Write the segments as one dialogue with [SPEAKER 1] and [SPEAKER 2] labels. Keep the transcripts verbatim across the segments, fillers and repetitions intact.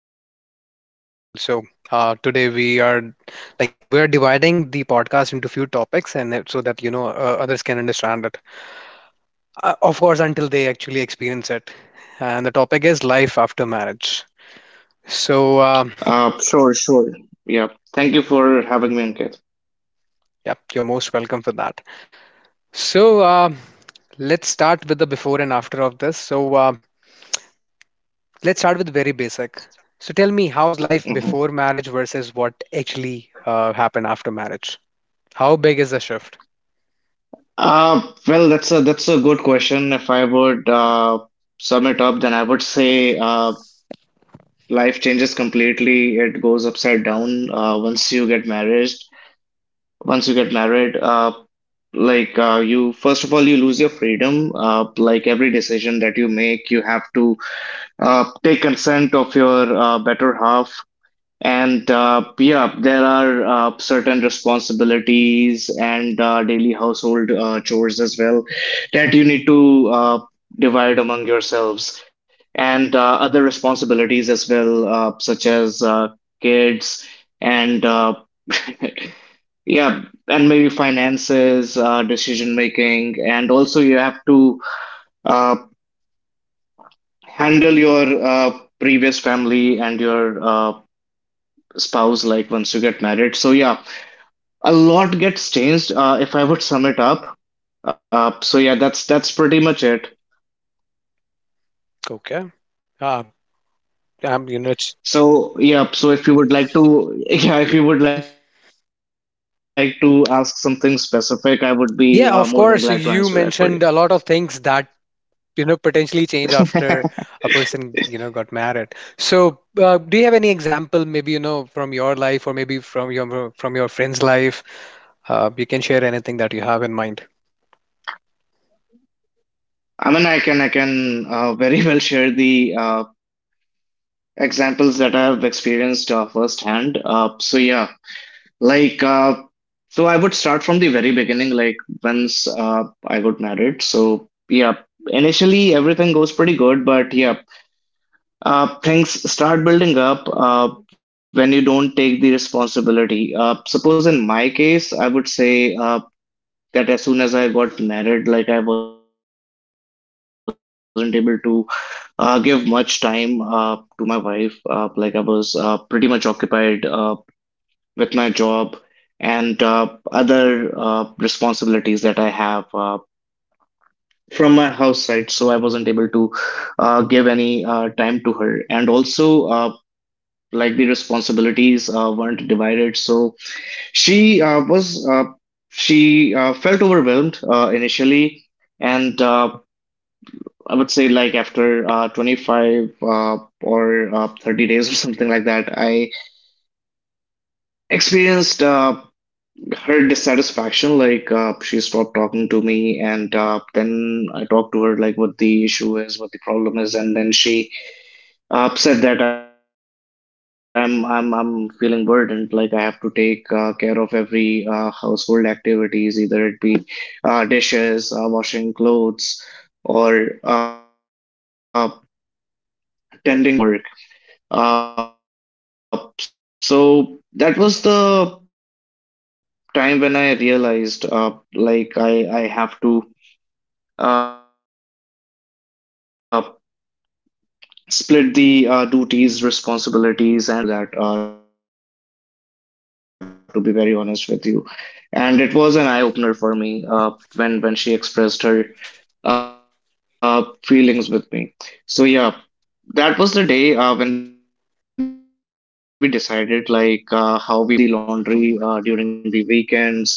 [SPEAKER 1] real, raw, and relatable. So, uh, today we are like we're dividing the podcast into few topics, and it- so that you know uh, others can understand it. Uh, of course, until they actually experience it. And the topic is life after marriage. So, um,
[SPEAKER 2] Uh, sure, sure. Yeah. Thank you for having me, Ankit.
[SPEAKER 1] yeah, you're most welcome for that. So, um, let's start with the before and after of this. So. um Let's start with very basic. So tell me, how's life
[SPEAKER 2] hmm
[SPEAKER 1] before marriage versus what actually uh, happened after marriage? How big is the shift?
[SPEAKER 2] Uh, well, that's a that's a good question. If I would uh, sum it up, then I would say uh, life changes completely. It goes upside down uh, once you get married. Once you get married, uh, like uh, you first of all you lose your freedom. Uh, like every decision that you make, you have to uh, take consent of your uh, better half. And uh, yeah, there are uh, certain responsibilities and uh, daily household uh, chores as well that you need to uh, divide among yourselves, and uh, other responsibilities as well, uh, such as uh, kids and uh, yeah, and maybe finances, uh, decision making, and also you have to uh, handle your uh, previous family and your uh, spouse, like once you get married. So yeah, a lot gets changed uh, if I would sum it up, uh, so yeah, that's that's pretty much it.
[SPEAKER 1] Okay. Ah,
[SPEAKER 2] So
[SPEAKER 1] um, you know,
[SPEAKER 2] yeah,
[SPEAKER 1] it's
[SPEAKER 2] so if you would like to yeah, if you would like to ask something specific, I would be uh, more than glad to answer that for you.
[SPEAKER 1] Yeah, of course. You mentioned a lot of things that, you know, potentially change after a person, you know, got married. So, uh, do you have any example, maybe, you know, from your life or maybe from your from your friend's life? Uh, you can share anything that you have in mind.
[SPEAKER 2] I mean, i can I can uh, very well share the uh, examples that I have experienced uh, firsthand, uh, so yeah. Like, uh, so I would start from the very beginning, like once uh, I got married. So, yeah, initially everything goes pretty good, but yeah, uh, things start building up uh, when you don't take the responsibility. Uh, suppose in my case, I would say uh, that as soon as I got married, like I wasn't able to uh, give much time uh, to my wife. Uh, like I was uh, pretty much occupied uh, with my job and uh, other uh, responsibilities that I have uh, from my house side. So I wasn't able to uh, give any uh, time to her. And also, uh, like the responsibilities uh, weren't divided. So she uh, was, uh, she uh, felt overwhelmed uh, initially. And uh, I would say, like, after uh, twenty-five uh, or uh, thirty days, or something like that, I experienced Uh, her dissatisfaction, like uh, she stopped talking to me, and uh, then I talked to her, like what the issue is, what the problem is. And then she uh, said that i'm i'm I'm feeling burdened, like I have to take uh, care of every uh, household activities, either it be uh, dishes, uh, washing clothes, or uh, tending to the guests and other stuff. You're always occupied uh, with your work. Uh, so that was the time when I realized, uh, like I I have to uh, split the uh, duties, responsibilities, and other tasks. Uh, like I, I I was able to uh, relate to that. Uh, to be very honest with you, and it was an eye opener for me, Uh, when when she expressed her uh, feelings with me. So yeah, that was the day uh, when we decided uh, divide the household uh, chores, like I used to do the laundry uh, during the weekends,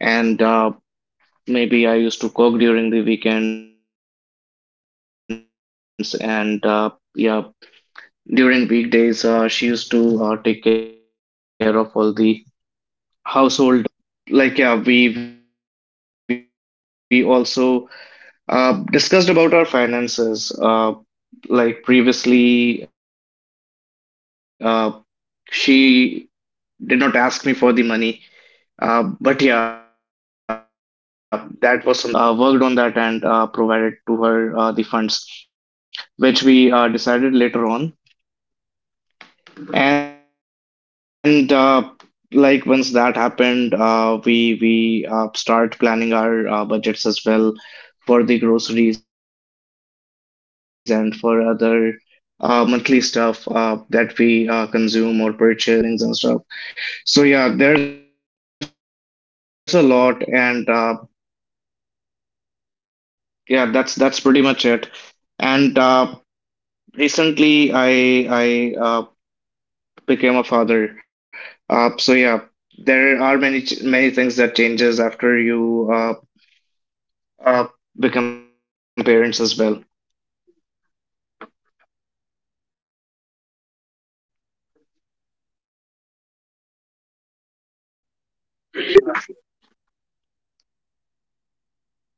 [SPEAKER 2] and uh, maybe I used to cook during the weekends, and uh, yeah, during weekdays uh, she used to uh, take care of all the household uh, chores and other stuff. And uh, similarly, uh, like yeah, we we also uh, discussed about our finances. Uh, like previously, uh, she did not ask me for the money. Uh, but yeah, that was something that I should and I should have uh, proactively uh, worked on that and uh, provided to her uh, the funds, which we uh, decided later on. And uh, like once that happened, uh, we we uh, start planning our uh, budgets as well, for the groceries and for uh, monthly stuff uh, that we uh, consume or purchase. And also, I decided on her allowances, my allowances, and our savings and stuff. So yeah, there's a lot, and uh, yeah, that's that's pretty much it. And uh, recently, I I uh, became a father. Uh, so yeah, there are many ch- many things that changes after you uh, uh, become parents as well.
[SPEAKER 1] Oh, sorry, I, I lost you. Uh, I lost you, you know, at, at the last
[SPEAKER 2] Yeah,
[SPEAKER 1] leg. So, uh, Can you can you ex- you know can you ex- repeat the last part again?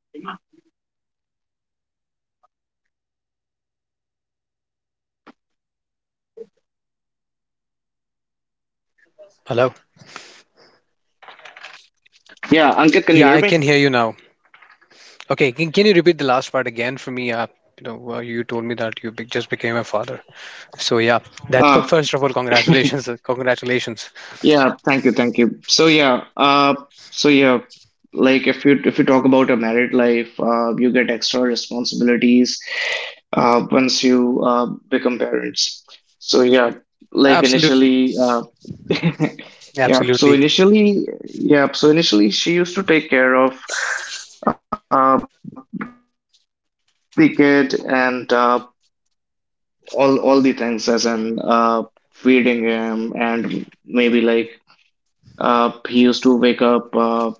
[SPEAKER 1] Can you hear me? Hello.
[SPEAKER 2] Ankit, can you hear me?
[SPEAKER 1] Yeah, I can hear you now. Okay, can, can you repeat the last part again for me? Uh, you know, uh, you told me that you be- just became a father. So yeah, that's
[SPEAKER 2] Uh,
[SPEAKER 1] co- first of all, congratulations, uh, congratulations.
[SPEAKER 2] Yeah, thank you, thank you. So yeah, uh, so yeah, like if you if you talk about a married life, uh, you get extra responsibilities uh, once you uh, become parents. So yeah, like
[SPEAKER 1] Absolutely,
[SPEAKER 2] initially, uh, yeah. So
[SPEAKER 1] absolutely.
[SPEAKER 2] initially, yeah. So initially, she used to take care of uh, the kid and uh, all all the things, as in uh, feeding him and maybe like uh, he used to wake up Uh,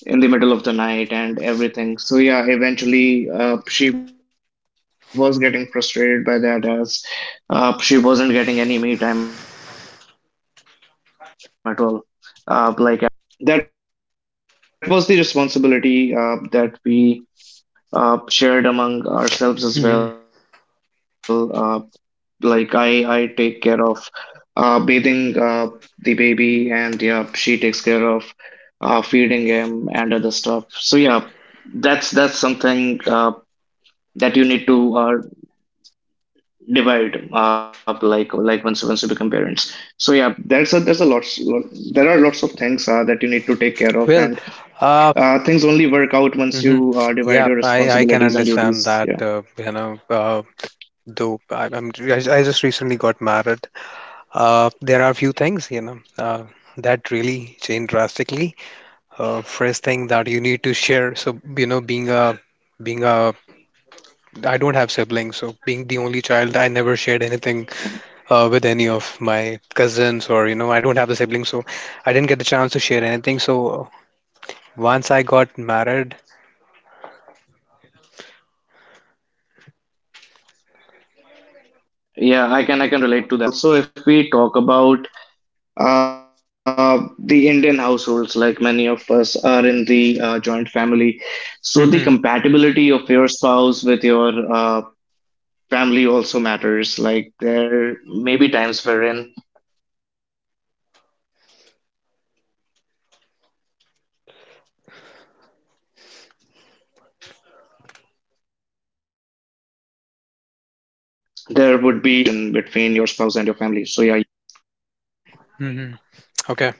[SPEAKER 2] in the middle of the night and everything. So yeah, eventually uh, she was getting frustrated by that, as uh, she wasn't getting any me time at all. Uh, like after after uh, we parents. So yeah, that was the responsibility uh, that we uh, shared among ourselves as
[SPEAKER 1] Hmm.
[SPEAKER 2] well. Uh, like I, I take care of uh, bathing uh, the baby, and yeah, she takes care of uh, feeding him and other stuff. So yeah, that's that's something uh, that you need to uh, divide up, like like once once you become parents. So yeah, there's a there's a lots lot, there are lots of things uh, that you need to take care of,
[SPEAKER 1] Well,
[SPEAKER 2] and
[SPEAKER 1] uh,
[SPEAKER 2] uh, things only work out once
[SPEAKER 1] hmm.
[SPEAKER 2] you uh,
[SPEAKER 1] Yeah,
[SPEAKER 2] divide your
[SPEAKER 1] I I can
[SPEAKER 2] responsibilities and
[SPEAKER 1] understand that.
[SPEAKER 2] duties. Yeah.
[SPEAKER 1] Uh, you know, uh, though I, I'm I, I just recently got married. Uh, there are a few things you know uh, that really change drastically, uh, fresh thing that you need to share. So you know, being a being a I don't have siblings, so being the only child, I never shared anything uh, with any of my cousins or you know, I don't have a sibling, so I didn't get the chance to share anything. So
[SPEAKER 2] Right, right.
[SPEAKER 1] once I got married.
[SPEAKER 2] That's I can Yeah, I can I can relate to that. So yeah, I can definitely relate to that. And also, if we talk about uh, the Indian households, like many of us are in the uh, joint family, so the
[SPEAKER 1] Hmm.
[SPEAKER 2] compatibility of your spouse with your uh, family also matters. Like there may be times wherein there would be uh, disconnect between uh, the decision between your spouse and your family. So yeah, you you would have to intervene, and yeah, like you have to uh, work on a middle ground.
[SPEAKER 1] Hmm. Okay.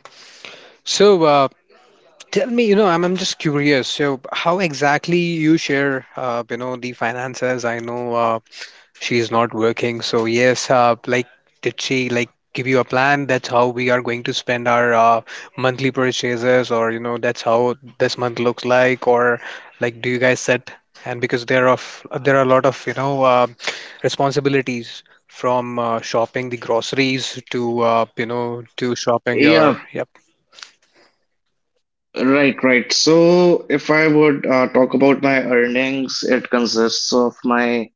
[SPEAKER 1] So uh, tell me, you know, I'm I'm just curious. So how exactly you share, uh, you know, the finances? I know. uh, She's not working. So yes, uh, like did she like give you a plan? That's how we are going to spend our uh, monthly purchases, or you know, that's how this month looks like, or like do you guys set? And because there are f- there are a lot of you know uh, responsibilities from uh, shopping the groceries to uh, you know to shopping
[SPEAKER 2] Yeah.
[SPEAKER 1] your yep.
[SPEAKER 2] Right, right. So if I would uh, talk about my earnings, it consists of my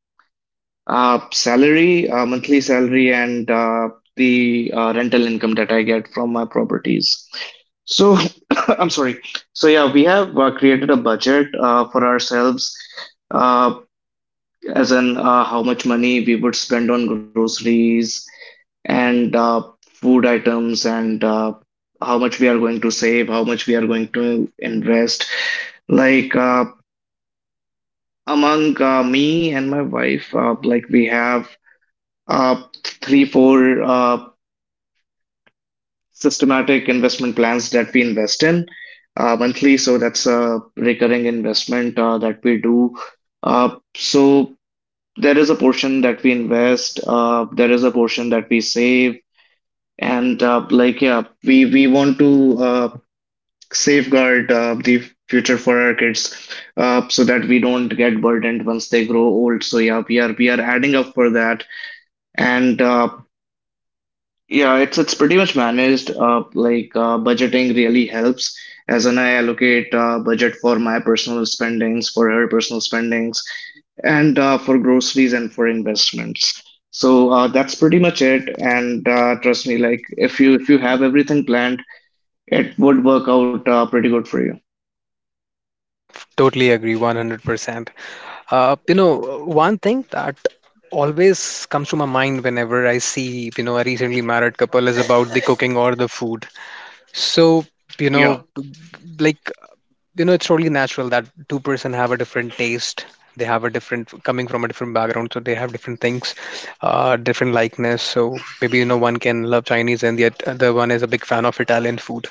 [SPEAKER 2] uh, salary, uh, monthly salary, and the uh, rental income that I get from my properties. So I'm sorry. So yeah, we have uh, created a budget uh, for ourselves, uh, as in uh, how much money we would spend on groceries, and uh, food items, and uh, how much we are going to save, how much we are going to invest. Like uh, among uh, me and my wife, uh, like we have uh, three, four uh, systematic investment plans that we invest in uh, monthly. So that's a recurring investment uh, that we do. Uh, so there is a portion that we invest, uh, there is a portion that we save, and uh, like yeah, we we want to uh, safeguard uh, the future for our kids, uh, so that we don't get burdened once they grow old. So yeah, we are we are adding up for that. And uh, yeah, it's it's pretty much managed, uh, like uh, budgeting really helps, as in I allocate uh, budget for my personal spendings, for her personal spendings, and uh, for groceries and for investments. So uh,
[SPEAKER 1] Mhm.
[SPEAKER 2] that's pretty much it. And uh, trust me, like if you if you have everything planned, it would work out uh, pretty good for you.
[SPEAKER 1] Yep, totally agree, one hundred percent. Uh, you know, one thing that always comes to my mind whenever I see, you know, a recently married couple is about the cooking or the food. So, you
[SPEAKER 2] Yeah.
[SPEAKER 1] know, like, you know, it's totally natural that two person have a different taste. They have a different coming from a different background, so they have different things, uh, different likeness. So maybe you know one can love Chinese and the other one is a big fan of Italian food.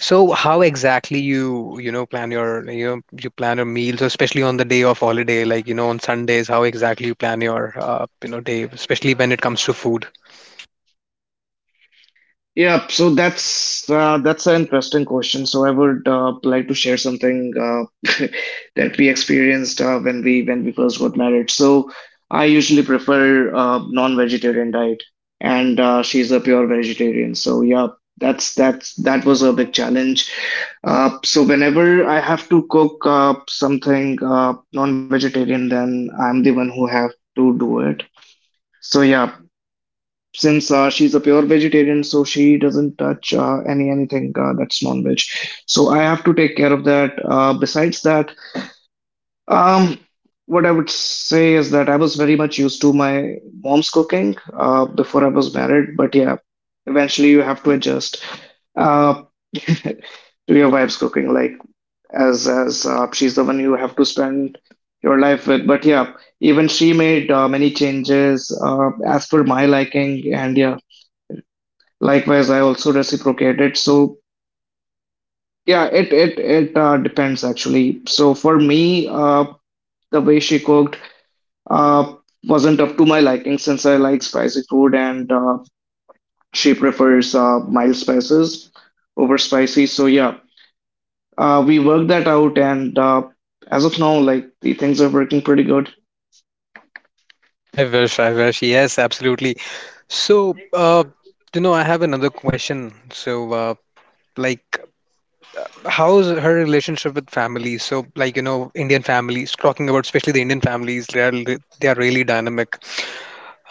[SPEAKER 1] So how exactly you you know plan your you know you plan your meals, especially on the day of holiday, like you know on Sundays, how exactly you plan your uh, you know day, especially when it comes to food.
[SPEAKER 2] Yeah. So that's uh, that's an interesting question. So I would uh, like to share something uh, that we experienced uh, when we when we first got married. So I usually prefer uh, non-vegetarian diet, and uh, she's a pure vegetarian. So yeah, that's that's that was a big challenge. Uh, so whenever I have to cook uh, something uh, non-vegetarian, then I'm the one who have to do it. So yeah, since uh, she's a pure vegetarian, so she doesn't touch uh, any anything uh, that's so I have to take care of that. Uh, besides that, um, what I would say is that I was very much used to my mom's cooking uh, before I was married. But yeah, eventually you have to adjust uh, to your wife's cooking, like as as uh, she's the one you have to spend your life with. But yeah, even she made uh, many changes uh, as per my liking, and yeah, likewise, I also reciprocate it. So yeah, it it it uh, depends actually. So for me, uh, the way she cooked uh, wasn't up to my liking, since I like spicy food and uh, she prefers uh, mild spices over spicy. So yeah, uh, we worked that out, and uh, as of now, like the things are working pretty good.
[SPEAKER 1] Hmm. I wish, I wish. Yes, absolutely. So uh, you know, I have another question. So uh, like, how's her relationship with family? So like you know, Indian families, talking about especially the Indian families, they are re- they are really dynamic.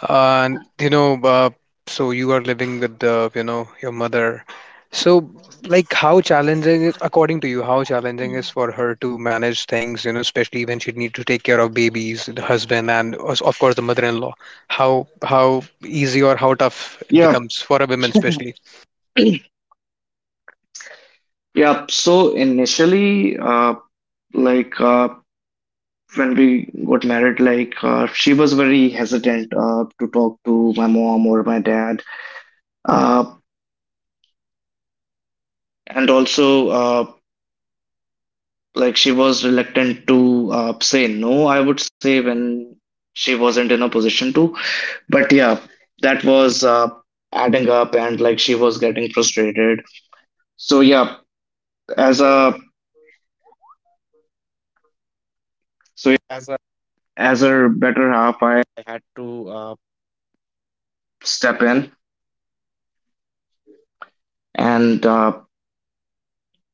[SPEAKER 1] And you know, uh, so you are living with uh, you know your mother. So, like, how challenging is, according to you, how challenging is for her to manage things? You know, especially when she need to take care of babies, the husband, and of of course the mother-in-law. How how easy or how tough it
[SPEAKER 2] Yeah,
[SPEAKER 1] becomes for a woman, especially?
[SPEAKER 2] yeah. So initially, uh, like uh, when we got married, like uh, she was very hesitant uh, to talk to my mom or my dad, uh, and also uh, like she was reluctant to uh, say no. I would say when she wasn't in a position to, but yeah, that was uh, adding up, and like she was getting frustrated. So yeah, as a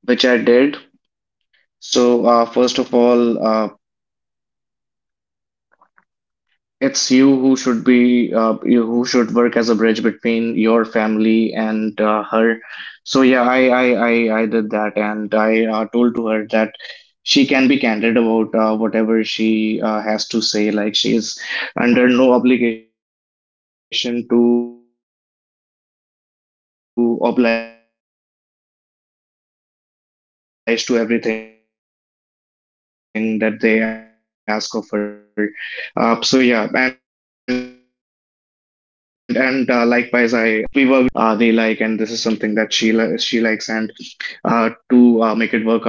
[SPEAKER 2] which I did. So uh, first of all, uh, it's you who should be uh, you who should work as a bridge between your family and uh, her. So yeah, I I I, I did that, and I uh, told to her that she can be candid about uh, whatever she uh, has to say. Like she is under no obligation to oblige to everything that they ask of her. Uh, so yeah, and and uh, likewise, I uh, talked to my uh, family as well, my mom, my dad and uh, we worked on uh, the compatibility like uh, this is something that uh, they like and this is something that she li- she likes and uh, to uh, make it work out like we should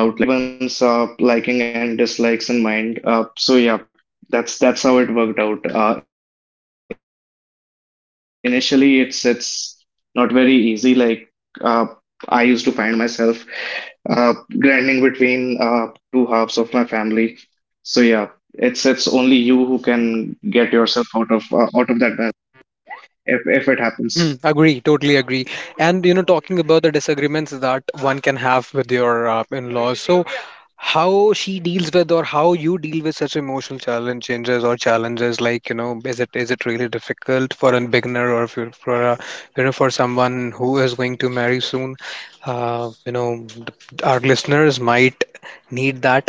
[SPEAKER 2] uh, keep everyone's uh, liking and dislikes in mind. Uh, so yeah, that's that's how it worked out. Uh, initially, it's it's not very easy. Like uh, I to find myself uh, grinding between uh, two halves of my family. So yeah, it's it's only you who can get yourself out of uh, out of that.
[SPEAKER 1] Hmm. Agree, totally agree. And you know, talking about the disagreements that one can have with your uh, in-laws, so how she deals with or how you deal with such emotional challenge changes or challenges like you know is it is it really difficult for a beginner or if for a you know for someone who is going to marry soon uh, you know our listeners might need that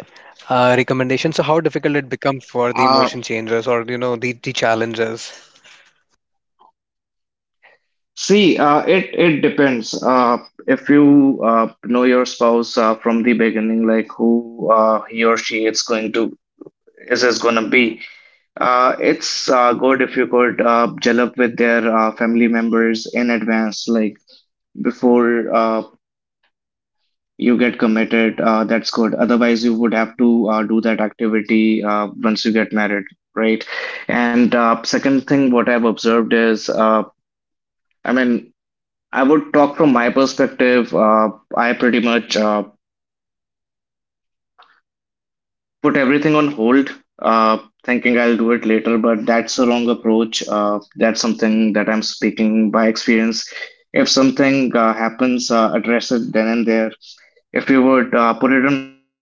[SPEAKER 1] uh, recommendation, so how difficult it becomes for
[SPEAKER 2] Uh,
[SPEAKER 1] the emotion changes or you know the, the challenges.
[SPEAKER 2] see, uh, it it depends. Uh, if you uh, know your spouse uh, from the beginning, like who uh, he or she is going to is is going to be, uh, it's uh, good if you could uh, gel up their uh, family members in advance, like before uh, you get committed. Uh, that's good. Otherwise, you would have to uh, do that activity uh, once you get married, right? And uh, second thing, what I've observed is, uh, I mean I would talk from my perspective. Uh, I pretty much uh, put everything on hold, uh, thinking I'll do it later, but that's a wrong approach. Uh, that's something that I'm speaking by experience. If something uh, happens, uh, address it then and there. If you would uh, put it on hold,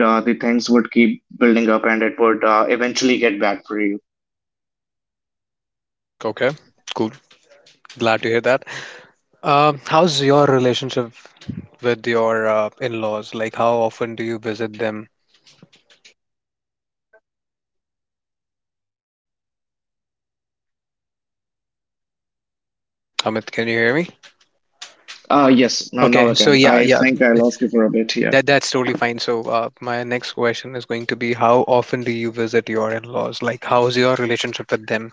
[SPEAKER 2] uh, the things would keep building up and it would uh, eventually get bad for you.
[SPEAKER 1] Okay, cool. Glad to hear that. Um, how's your relationship with your uh, in-laws? Like, how often do you visit them? Amit, can you hear me?
[SPEAKER 2] Uh, yes, now, now
[SPEAKER 1] Okay, so
[SPEAKER 2] again. I
[SPEAKER 1] yeah,
[SPEAKER 2] can. I
[SPEAKER 1] yeah,
[SPEAKER 2] think I lost you for a bit here.
[SPEAKER 1] that that's totally fine. So, uh, my next question is going to be, how often do you visit your in-laws? Like, how's your relationship with them?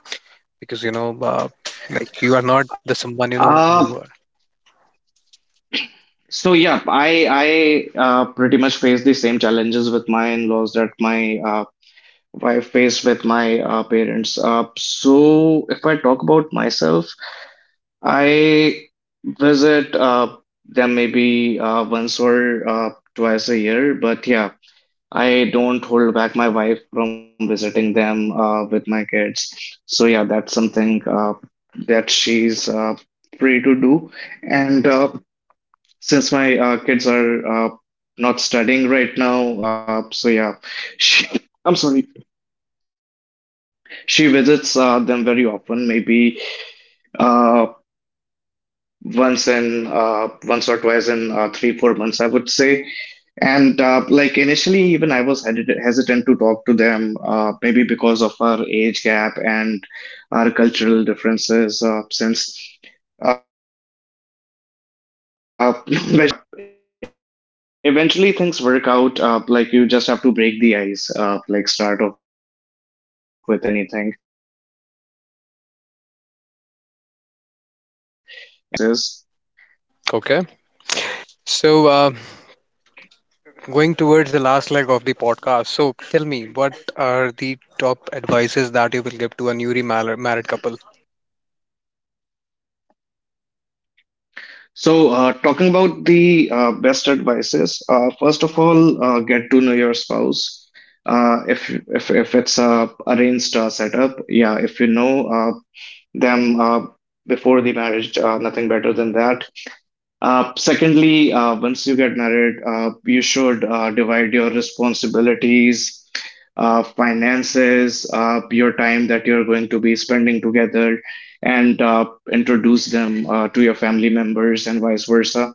[SPEAKER 1] Because you know, uh, like, you are not the someone you know
[SPEAKER 2] Uh,
[SPEAKER 1] who.
[SPEAKER 2] yeah, I I uh, pretty much faced the same challenges with my in-laws that my uh, wife faced with my uh, parents. Uh, so if I talk about myself, I visit uh, them maybe uh, once or uh, twice a year. But yeah, I don't hold back my wife from visiting them uh, with my kids. So yeah, that's something uh, that she's uh, free to do. And uh, since my uh, kids are uh, not studying right now, uh, so yeah, she, I'm sorry. She visits uh, them very often, maybe uh, once in uh, once or twice in uh, three four months I would say, and uh, like initially even I was hedi- hesitant to talk to them, uh, maybe because of our age gap and our cultural differences, uh, since uh, in my family, but yeah, they are totally veg. So yeah, eventually things work out, uh, like you just have to break the ice, uh, like start off with anything, and eventually like you'll you'll get along. Uh, that's what my uh, experience is.
[SPEAKER 1] Okay, so uh, going towards the last leg of the podcast. So, tell me, what are the top advices that you will give to a newly mar- married couple?
[SPEAKER 2] So, uh, talking about the uh, best advices, uh, first of all, uh, get to know your spouse. Uh, if if if it's a arranged uh, setup, if you know uh, them uh, before the marriage, uh, nothing better than that. Uh, secondly, uh, once you get married, uh, you should uh, divide your responsibilities, uh, finances, uh, your time that you're going to be spending together, uh, introduce them uh, to your family members and vice versa.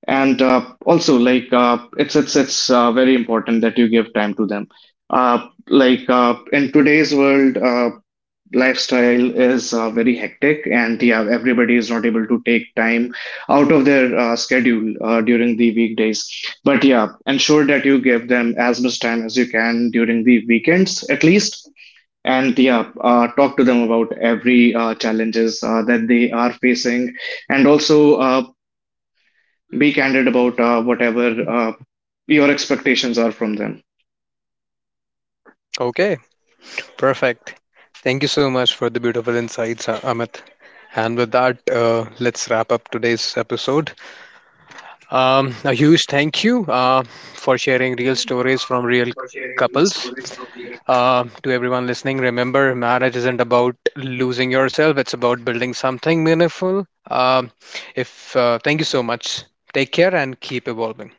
[SPEAKER 2] And uh, also, like uh, it's it's it's uh, very important that you give time to them. Uh, like uh, in today's world. Uh, lifestyle is uh, very hectic, and yeah, everybody is not able to take time out of their uh, schedule uh, during the weekdays, but yeah, ensure that you give them as much time as you can during the weekends at least. And yeah, uh, talk to them about every uh, challenges uh, that they are facing, and also uh, be candid about uh, whatever uh, your expectations are from them.
[SPEAKER 1] Okay. Perfect. Thank you so much for the beautiful insights, uh, Amit. And with that, uh, let's wrap up today's episode. Um, a huge thank you uh, for sharing real stories from real couples. Uh, to everyone listening, remember marriage isn't about losing yourself, it's about building something meaningful. Um, if uh, Thank you so much. Take care and keep evolving.